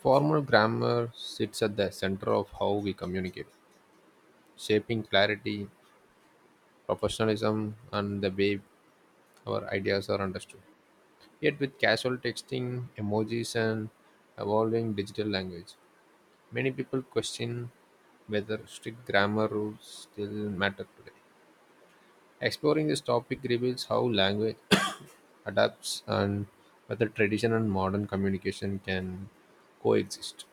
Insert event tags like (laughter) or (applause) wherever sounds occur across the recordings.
Formal grammar sits at the center of how we communicate, shaping clarity, professionalism, and the way our ideas are understood. Yet, with casual texting, emojis, and evolving digital language, many people question whether strict grammar rules still matter today. Exploring this topic reveals how language (coughs) adapts and whether tradition and modern communication can coexist.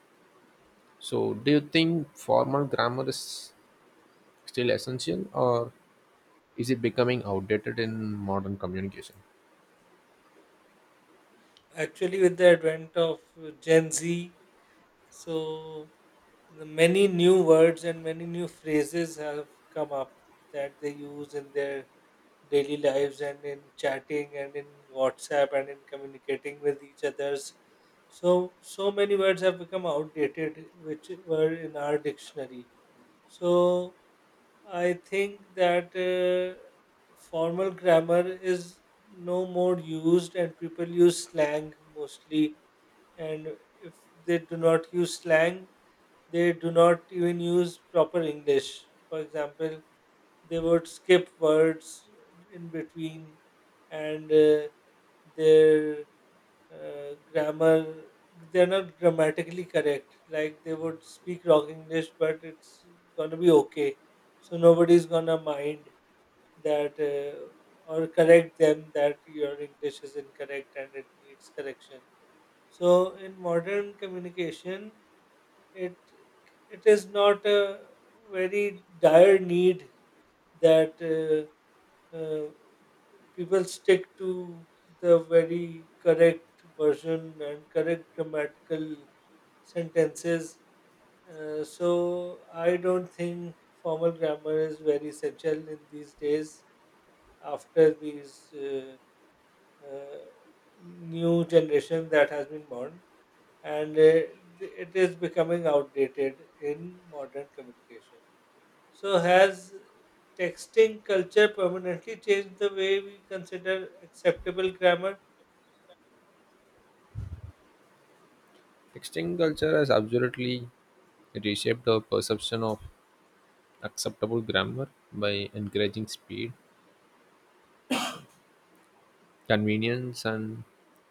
So, do you think formal grammar is still essential, or is it becoming outdated in modern communication? Actually, with the advent of Gen Z, so the many new words and many new phrases have come up that they use in their daily lives and in chatting and in WhatsApp and in communicating with each others. So many words have become outdated, which were in our dictionary. So I think that formal grammar is no more used, and people use slang mostly, and if they do not use slang, they do not even use proper English. For example, they would skip words in between, and their grammar, they're not grammatically correct. Like, they would speak wrong English, but it's gonna be okay. So nobody's gonna mind that, or correct them that your English is incorrect and it needs correction. So in modern communication, it it is not a very dire need that uh, people stick to the very correct version and correct grammatical sentences. So I don't think formal grammar is very essential in these days after these uh, new generation that has been born, and it is becoming outdated in modern communication. So, has texting culture permanently changed the way we consider acceptable grammar? Texting culture has absolutely reshaped the perception of acceptable grammar by encouraging speed, convenience, and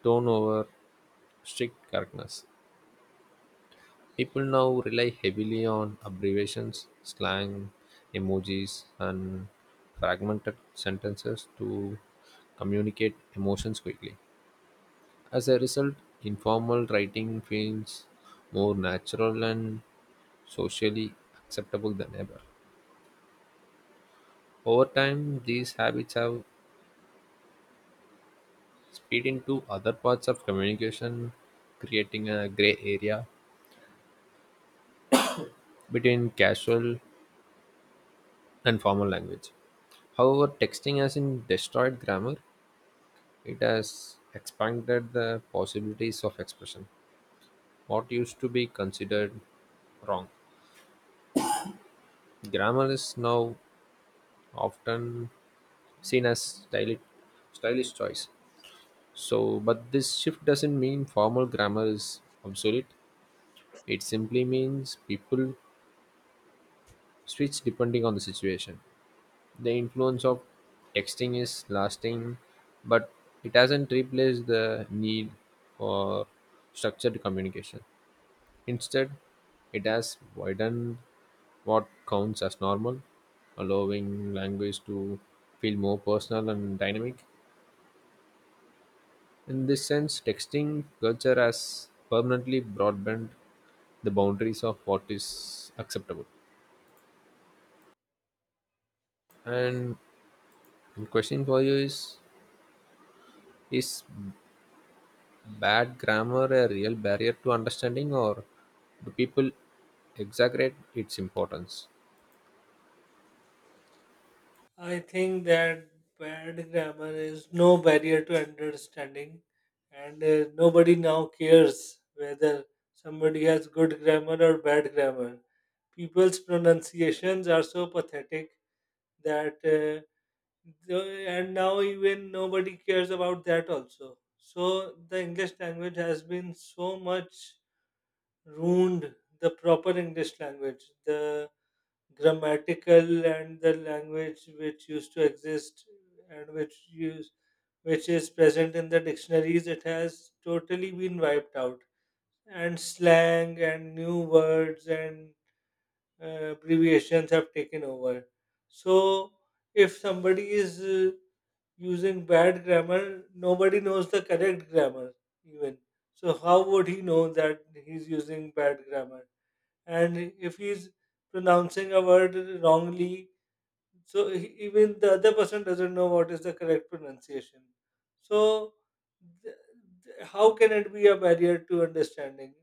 tone over strict correctness. People now rely heavily on abbreviations, slang, emojis, and fragmented sentences to communicate emotions quickly. As a result, informal writing feels more natural and socially acceptable than ever. Over time, these habits have spilled into other parts of communication, creating a gray area between casual and formal language. However, texting hasn't destroyed grammar, it has expanded the possibilities of expression. What used to be considered wrong. Grammar is now often seen as stylish, stylish choice. So, but this shift doesn't mean formal grammar is obsolete. It simply means people switch depending on the situation. The influence of texting is lasting, but it hasn't replaced the need for structured communication. Instead, it has widened what counts as normal, allowing language to feel more personal and dynamic. In this sense, texting culture has permanently broadband the boundaries of what is acceptable. And the question for you is bad grammar a real barrier to understanding, or do people exaggerate its importance? I think that bad grammar is no barrier to understanding, and nobody now cares whether somebody has good grammar or bad grammar. People's pronunciations are so pathetic that. And now even nobody cares about that also, so the English language has been so much ruined, the proper English language, the grammatical and the language which used to exist and which is present in the dictionaries, it has totally been wiped out, and slang and new words and abbreviations have taken over. So if somebody is using bad grammar, nobody knows the correct grammar even. So how would he know that he's using bad grammar? And if he's pronouncing a word wrongly, so even the other person doesn't know what is the correct pronunciation. So th- how can it be a barrier to understanding?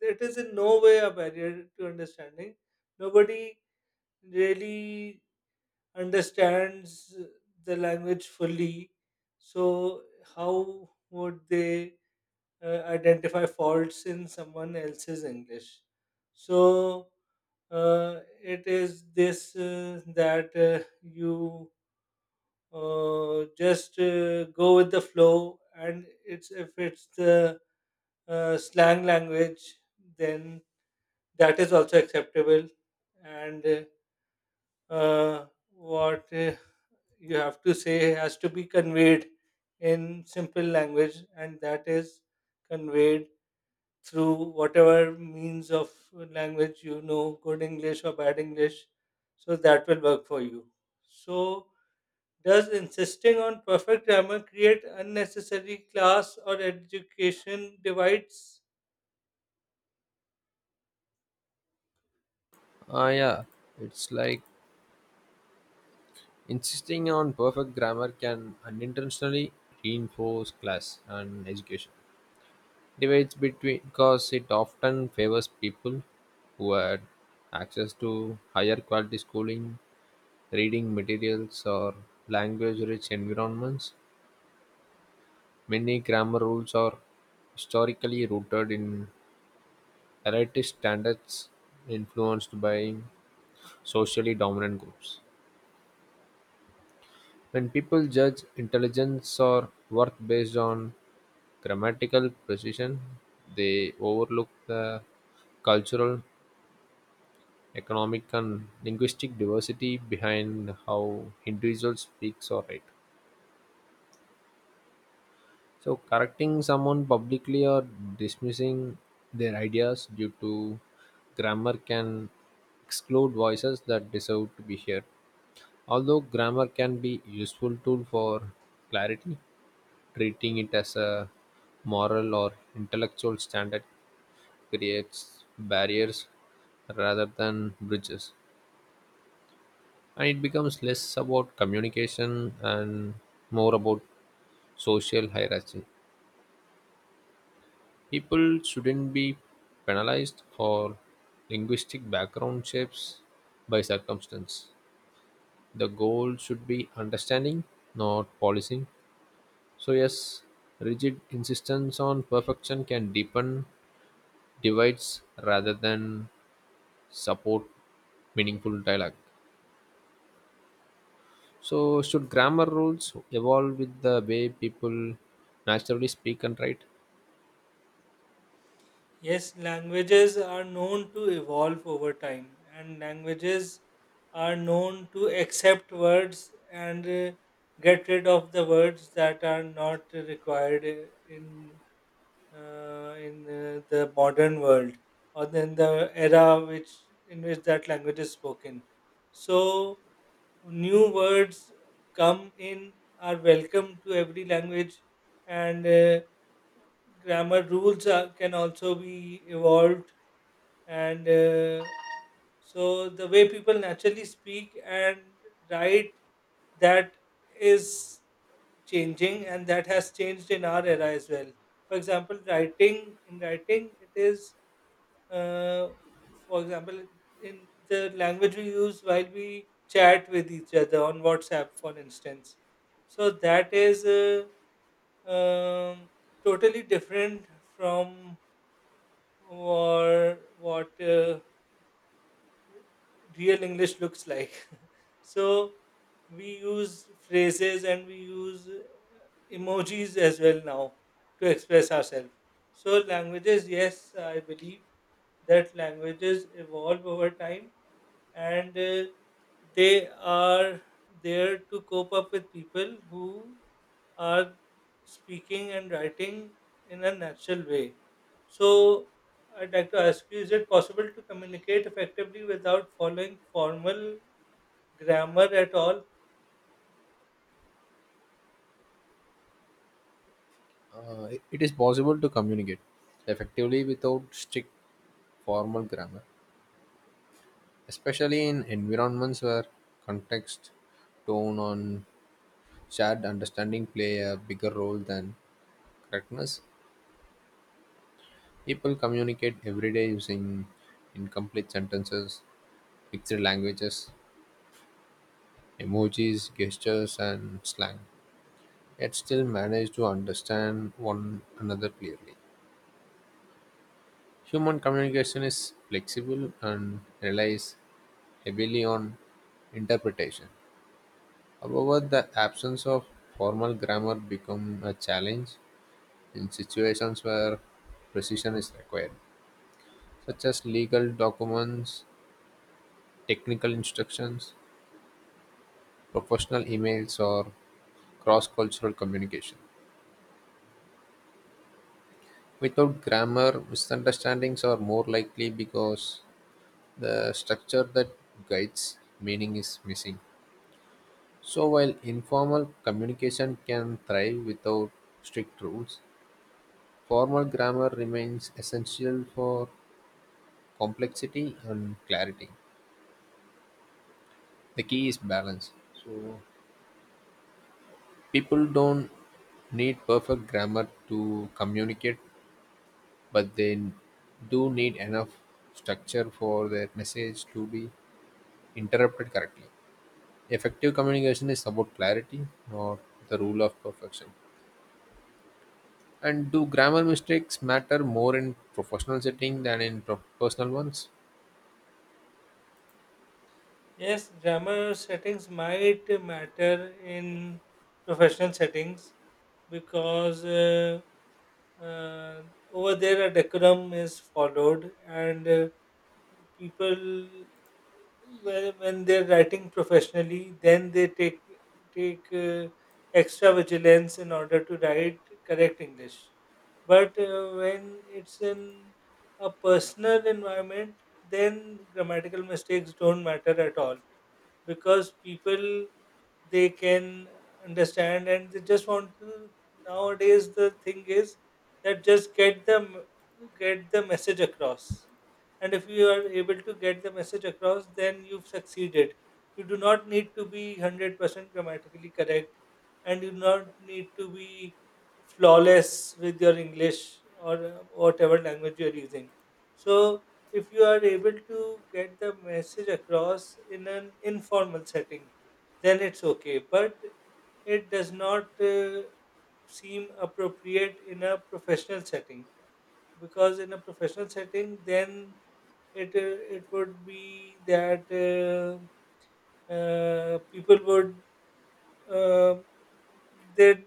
It is in no way a barrier to understanding. Nobody really understands the language fully. So, how would they identify faults in someone else's English? So, it is this, that, you, just, go with the flow, and it's if it's the slang language, then that is also acceptable. And what you have to say has to be conveyed in simple language, and that is conveyed through whatever means of language, you know, good English or bad English, so that will work for you. So, does insisting on perfect grammar create unnecessary class or education divides? Ah, yeah, it's like, insisting on perfect grammar can unintentionally reinforce class and education. Divides between because it often favors people who had access to higher quality schooling, reading materials, or language rich environments. Many grammar rules are historically rooted in elitist standards influenced by socially dominant groups. When people judge intelligence or worth based on grammatical precision, they overlook the cultural, economic, and linguistic diversity behind how individuals speaks or write. So correcting someone publicly or dismissing their ideas due to grammar can exclude voices that deserve to be heard. Although grammar can be useful tool for clarity, treating it as a moral or intellectual standard creates barriers rather than bridges. And it becomes less about communication and more about social hierarchy. People shouldn't be penalized for linguistic background shapes by circumstance. The goal should be understanding, not policing. So, yes, rigid insistence on perfection can deepen divides rather than support meaningful dialogue. So, should grammar rules evolve with the way people naturally speak and write? Yes, languages are known to evolve over time, and languages are known to accept words and get rid of the words that are not required in the modern world, or in the era which in which that language is spoken. So, new words come in, are welcome to every language, and grammar rules can also be evolved. And so the way people naturally speak and write, that is changing, and that has changed in our era as well. For example, writing in writing, it is, uh, for example, in the language we use while we chat with each other on WhatsApp, for instance, so that is um, totally different from or what real English looks like. (laughs) So, we use phrases, and we use emojis as well now to express ourselves. So, languages, yes, I believe that languages evolve over time, and they are there to cope up with people who are speaking and writing in a natural way. So, I'd like to ask you, is it possible to communicate effectively without following formal grammar at all? It is possible to communicate effectively without strict formal grammar, especially in environments where context, tone, and shared understanding play a bigger role than correctness. People communicate every day using incomplete sentences, picture languages, emojis, gestures, and slang, yet still manage to understand one another clearly. Human communication is flexible and relies heavily on interpretation. However, the absence of formal grammar become a challenge in situations where precision is required, such as legal documents, technical instructions, professional emails, or cross cultural communication. Without grammar, misunderstandings are more likely because the structure that guides meaning is missing. So, while informal communication can thrive without strict rules, formal grammar remains essential for complexity and clarity. The key is balance. People don't need perfect grammar to communicate, but they do need enough structure for their message to be interpreted correctly. Effective communication is about clarity, not the rule of perfection. And do grammar mistakes matter more in professional setting than in personal ones? Yes, grammar settings might matter in professional settings, because uh, over there a decorum is followed, and people Well, when they're writing professionally, then they take extra vigilance in order to write correct English. But when it's in a personal environment, then grammatical mistakes don't matter at all, because people, they can understand, and they just want to, nowadays the thing is that, just get the message across. And if you are able to get the message across, then you've succeeded. You do not need to be 100% grammatically correct, and you do not need to be flawless with your English or whatever language you are using. So, if you are able to get the message across in an informal setting, then it's okay. But it does not seem appropriate in a professional setting, because in a professional setting, then it would be that people would uh, they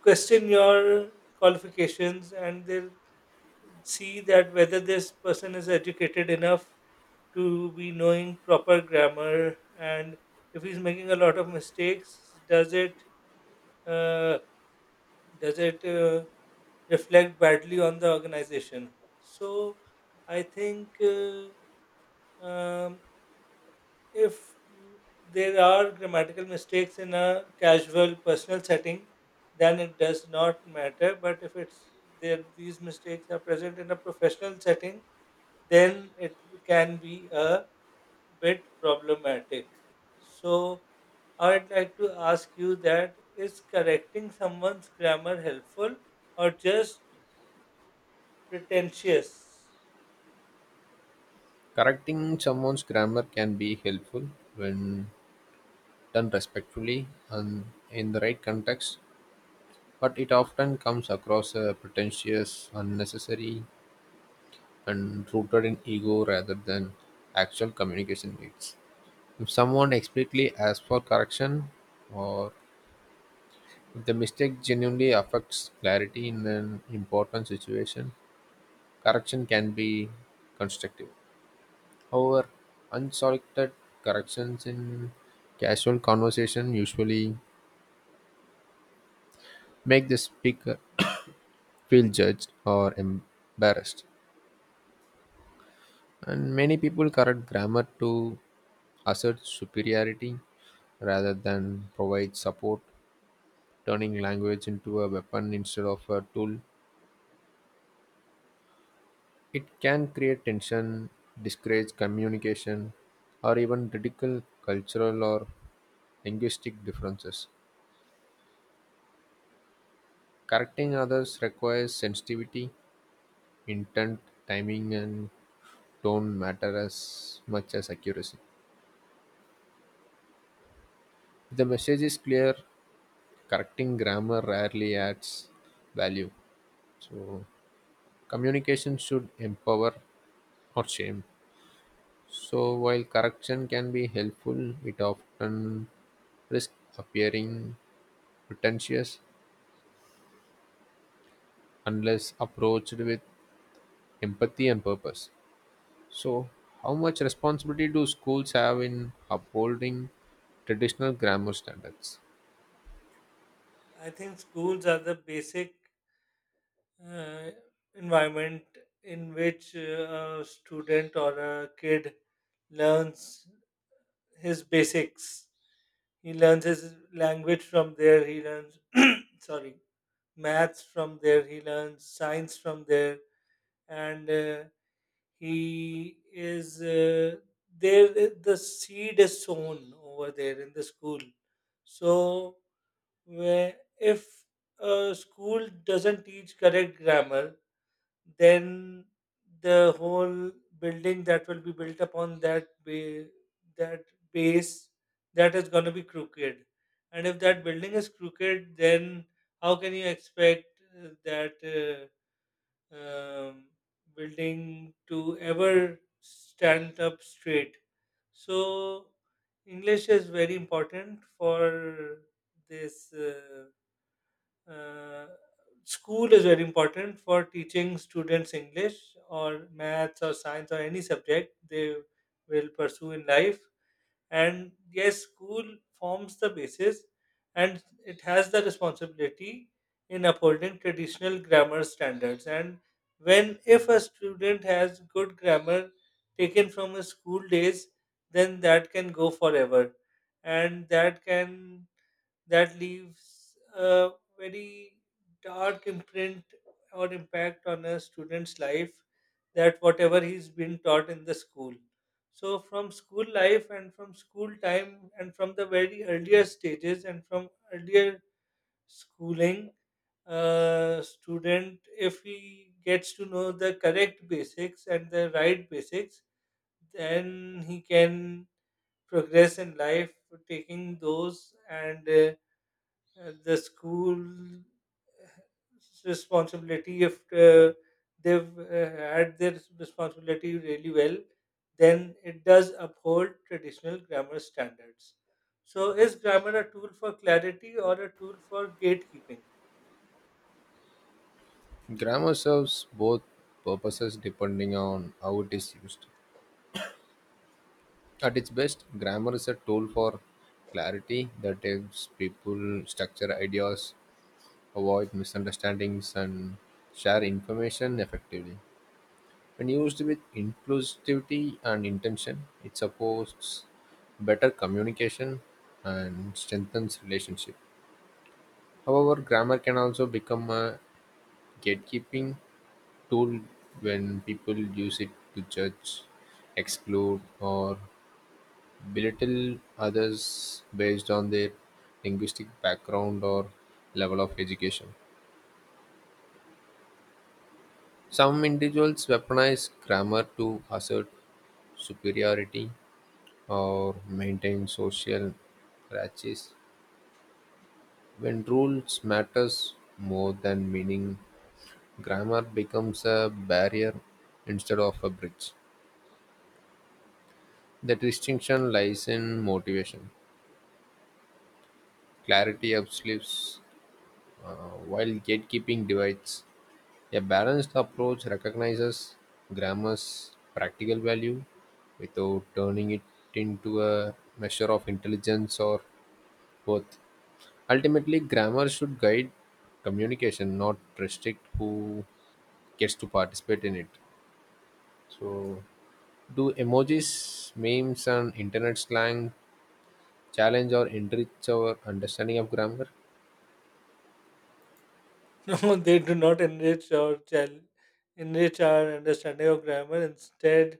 question your qualifications, and they see that whether this person is educated enough to be knowing proper grammar, and if he's making a lot of mistakes, uh, does it reflect badly on the organization? So I think um, if there are grammatical mistakes in a casual personal setting, then it does not matter. But if it's there, these mistakes are present in a professional setting, then it can be a bit problematic. So, I would like to ask you, that is correcting someone's grammar helpful or just pretentious? Correcting someone's grammar can be helpful when done respectfully and in the right context, but it often comes across as pretentious, unnecessary, and rooted in ego rather than actual communication needs. If someone explicitly asks for correction, or if the mistake genuinely affects clarity in an important situation, correction can be constructive. However, unsolicited corrections in casual conversation usually make the speaker feel judged or embarrassed. And many people correct grammar to assert superiority rather than provide support, turning language into a weapon instead of a tool. It can create tension, discourage communication, or even ridicule cultural or linguistic differences. Correcting others requires sensitivity, intent, timing, and tone matter as much as accuracy. If the message is clear, correcting grammar rarely adds value. So, communication should empower or shame. So, while correction can be helpful, it often risks appearing pretentious unless approached with empathy and purpose. So, how much responsibility do schools have in upholding traditional grammar standards? I think schools are the basic uh, environment in which a student or a kid learns his basics. He learns his language from there, he learns, sorry, maths from there, he learns science from there, and he is there the seed is sown, over there in the school. So where if a school doesn't teach correct grammar, then the whole building that will be built upon that base, that is going to be crooked. And if that building is crooked, then how can you expect that um, building to ever stand up straight. So, English is very important for this. Uh, School is very important for teaching students English or maths or science or any subject they will pursue in life. And yes, school forms the basis, and it has the responsibility in upholding traditional grammar standards. And when if a student has good grammar taken from his school days, then that can go forever. And that leaves a very dark imprint or impact on a student's life, that whatever he's been taught in the school. So from school life, and from school time, and from the very earlier stages, and from earlier schooling, student, if he gets to know the correct basics and the right basics, then he can progress in life taking those. And the school responsibility, if they've had their responsibility really well, then it does uphold traditional grammar standards. So, is grammar a tool for clarity or a tool for gatekeeping? Grammar serves both purposes depending on how it is used. At its best, grammar is a tool for clarity that helps people structure ideas, avoid misunderstandings, and share information effectively. When used with inclusivity and intention, it supports better communication and strengthens relationship. However, grammar can also become a gatekeeping tool when people use it to judge, exclude, or belittle others based on their linguistic background or level of education. Some individuals weaponize grammar to assert superiority or maintain social hierarchies when rules matters more than meaning. Grammar becomes a barrier instead of a bridge. The distinction lies in motivation. Clarity uplifts, while gatekeeping divides. A balanced approach recognizes grammar's practical value without turning it into a measure of intelligence or worth. Ultimately, grammar should guide communication, not restrict who gets to participate in it. So, do emojis, memes, and internet slang challenge or enrich our understanding of grammar? (laughs) No, they do not enrich our understanding of grammar. Instead,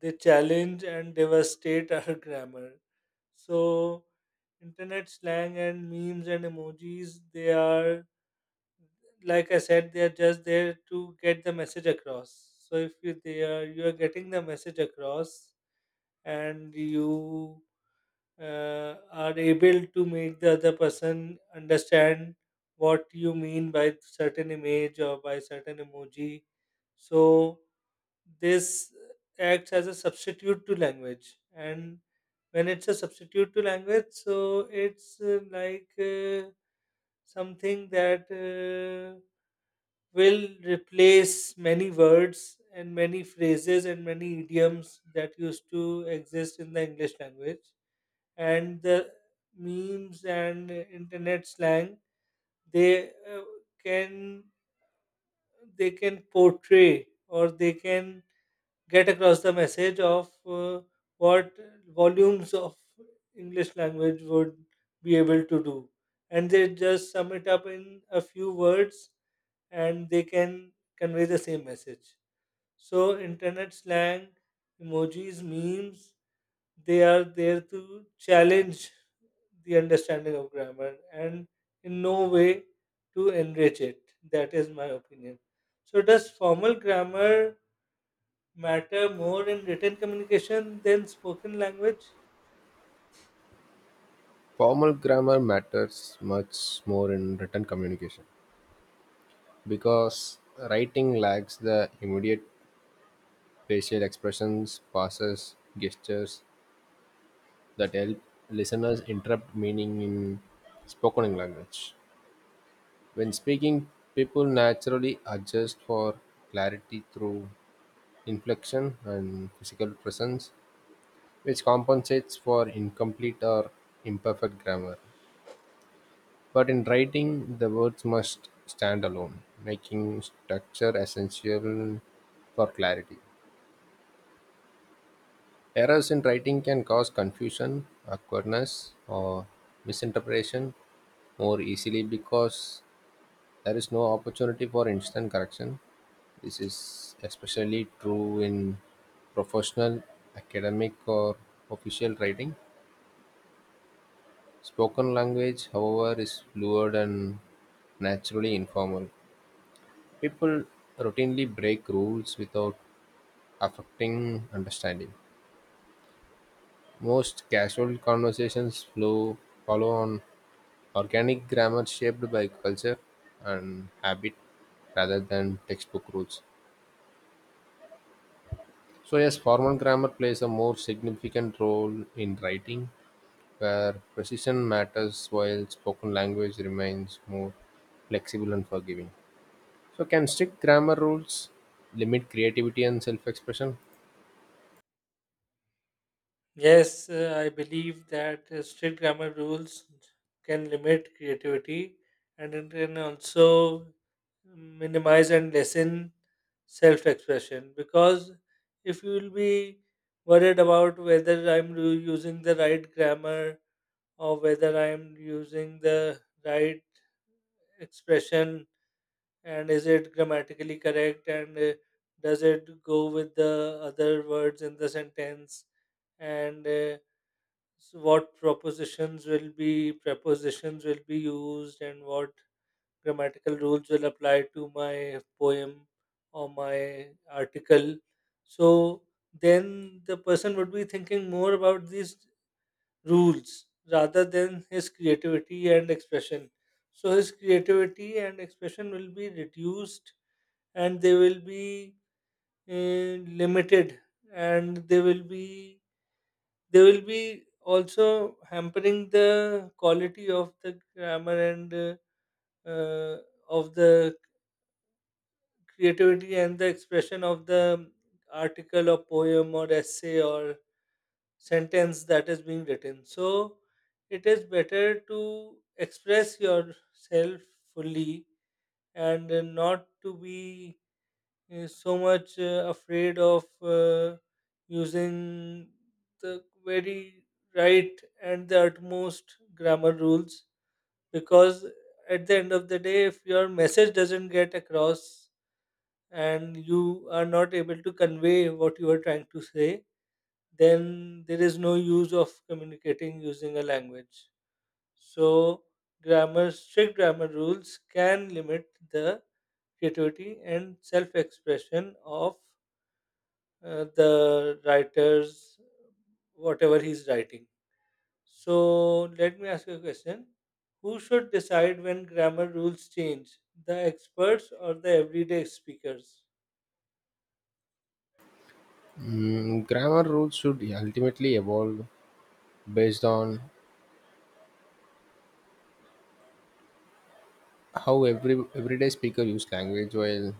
they challenge and devastate our (laughs) grammar. So, internet slang and memes and emojis, they are, like I said, they are just there to get the message across. So, if you are getting the message across, and you are able to make the other person understand what you mean by certain image or by certain emoji, so this acts as a substitute to language. And when it's a substitute to language, so it's like something that will replace many words and many phrases and many idioms that used to exist in the English language. And the memes and internet slang, they can they can portray, or they can get across the message of what volumes of English language would be able to do, and they just sum it up in a few words, and they can convey the same message. So, internet slang, emojis, memes, they are there to challenge the understanding of grammar, and in no way to enrich it. That is my opinion. So, does formal grammar matter more in written communication than spoken language? Formal grammar matters much more in written communication because writing lacks the immediate facial expressions, pauses, gestures that help listeners interpret meaning in spoken language. When speaking, people naturally adjust for clarity through inflection and physical presence, which compensates for incomplete or imperfect grammar. But in writing, the words must stand alone, making structure essential for clarity. Errors in writing can cause confusion, awkwardness, or misinterpretation more easily because there is no opportunity for instant correction. This is especially true in professional, academic, or official writing. Spoken language, however, is fluid and naturally informal. People routinely break rules without affecting understanding. Most casual conversations flow follow on organic grammar shaped by culture and habit rather than textbook rules. So yes, formal grammar plays a more significant role in writing where precision matters, while spoken language remains more flexible and forgiving. So, can strict grammar rules limit creativity and self expression? Yes, I believe that strict grammar rules can limit creativity, and it can also minimize and lessen self expression, because if you will be worried about whether I'm using the right grammar, or whether I am using the right expression, and is it grammatically correct, and does it go with the other words in the sentence, and so what propositions will be prepositions will be used, and what grammatical rules will apply to my poem or my article, so then the person would be thinking more about these rules rather than his creativity and expression. So his creativity and expression will be reduced, and they will be limited, and they will be also hampering the quality of the grammar, and uh, of the creativity and the expression of the article or poem or essay or sentence that is being written. So it is better to express yourself fully, and not to be so much afraid of using the very right and the utmost grammar rules, because at the end of the day, if your message doesn't get across and you are not able to convey what you are trying to say, then there is no use of communicating using a language. So, grammar, strict grammar rules can limit the creativity and self expression of the writers, whatever he's writing. So, let me ask you a question. Who should decide when grammar rules change, the experts or the everyday speakers? Grammar rules should ultimately evolve based on how everyday speaker use language, while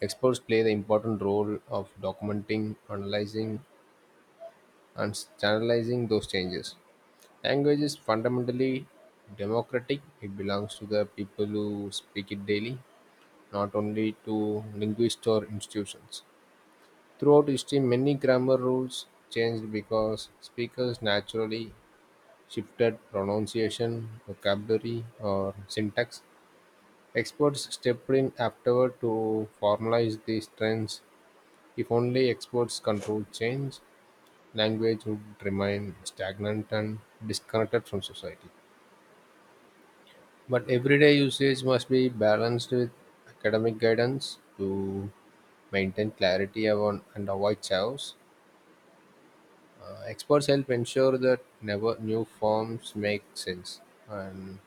experts play the important role of documenting, analyzing, and standardizing those changes. Language is fundamentally democratic, it belongs to the people who speak it daily, not only to linguists or institutions. Throughout history, many grammar rules changed because speakers naturally shifted pronunciation, vocabulary, or syntax. Experts stepped in afterward to formalize these trends. If only experts controlled change, language would remain stagnant and disconnected from society. But everyday usage must be balanced with academic guidance to maintain clarity and avoid chaos. Experts help ensure that never new forms make sense and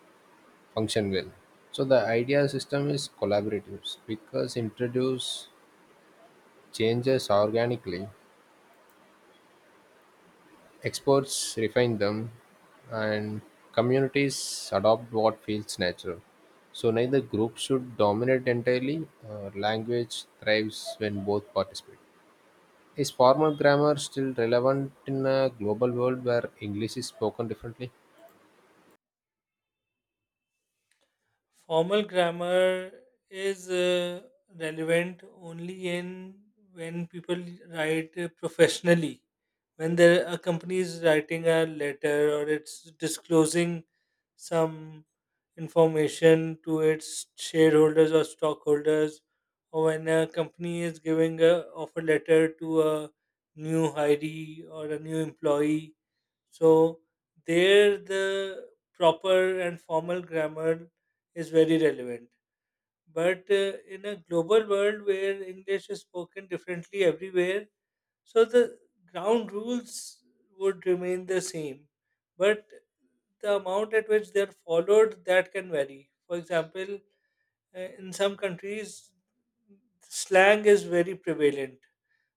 function well. So the idea system is collaborative. Because introduce changes organically, experts refine them, and communities adopt what feels natural. So neither group should dominate entirely. Language thrives when both participate. Is formal grammar still relevant in a global world where English is spoken differently? Formal grammar is relevant only in when people write professionally. When there a company is writing a letter, or it's disclosing some information to its shareholders or stockholders, or when a company is giving a offer letter to a new hiree or a new employee, so there the proper and formal grammar is very relevant. But in a global world where English is spoken differently everywhere, so the ground rules would remain the same. But the amount at which they're followed, that can vary. For example, in some countries, slang is very prevalent.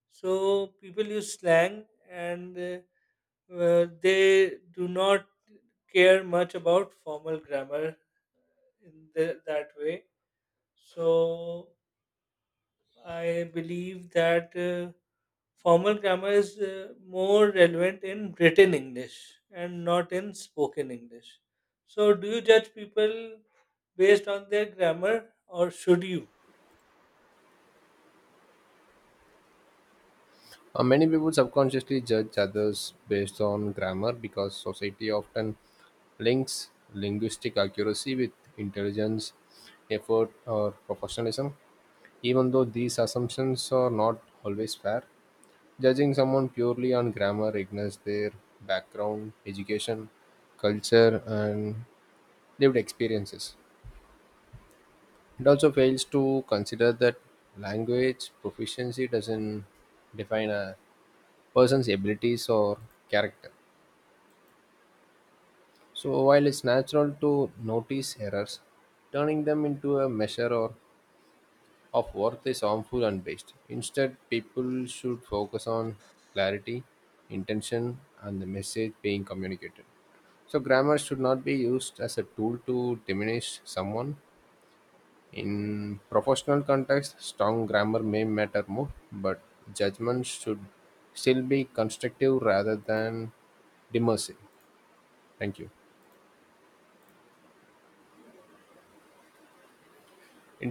So people use slang, and they do not care much about formal grammar in that way. So I believe that formal grammar is more relevant in written English and not in spoken English. So, do you judge people based on their grammar, or should you? Many people subconsciously judge others based on grammar because society often links linguistic accuracy with intelligence, effort, or professionalism. Even though these assumptions are not always fair, judging someone purely on grammar ignores their background, education, culture, and lived experiences. It also fails to consider that language proficiency doesn't define a person's abilities or character. So, while it's natural to notice errors, turning them into a measure or of worth is harmful and based. Instead, people should focus on clarity, intention, and the message being communicated. So, grammar should not be used as a tool to diminish someone. In professional context, strong grammar may matter more, but judgment should still be constructive rather than demersive. Thank you.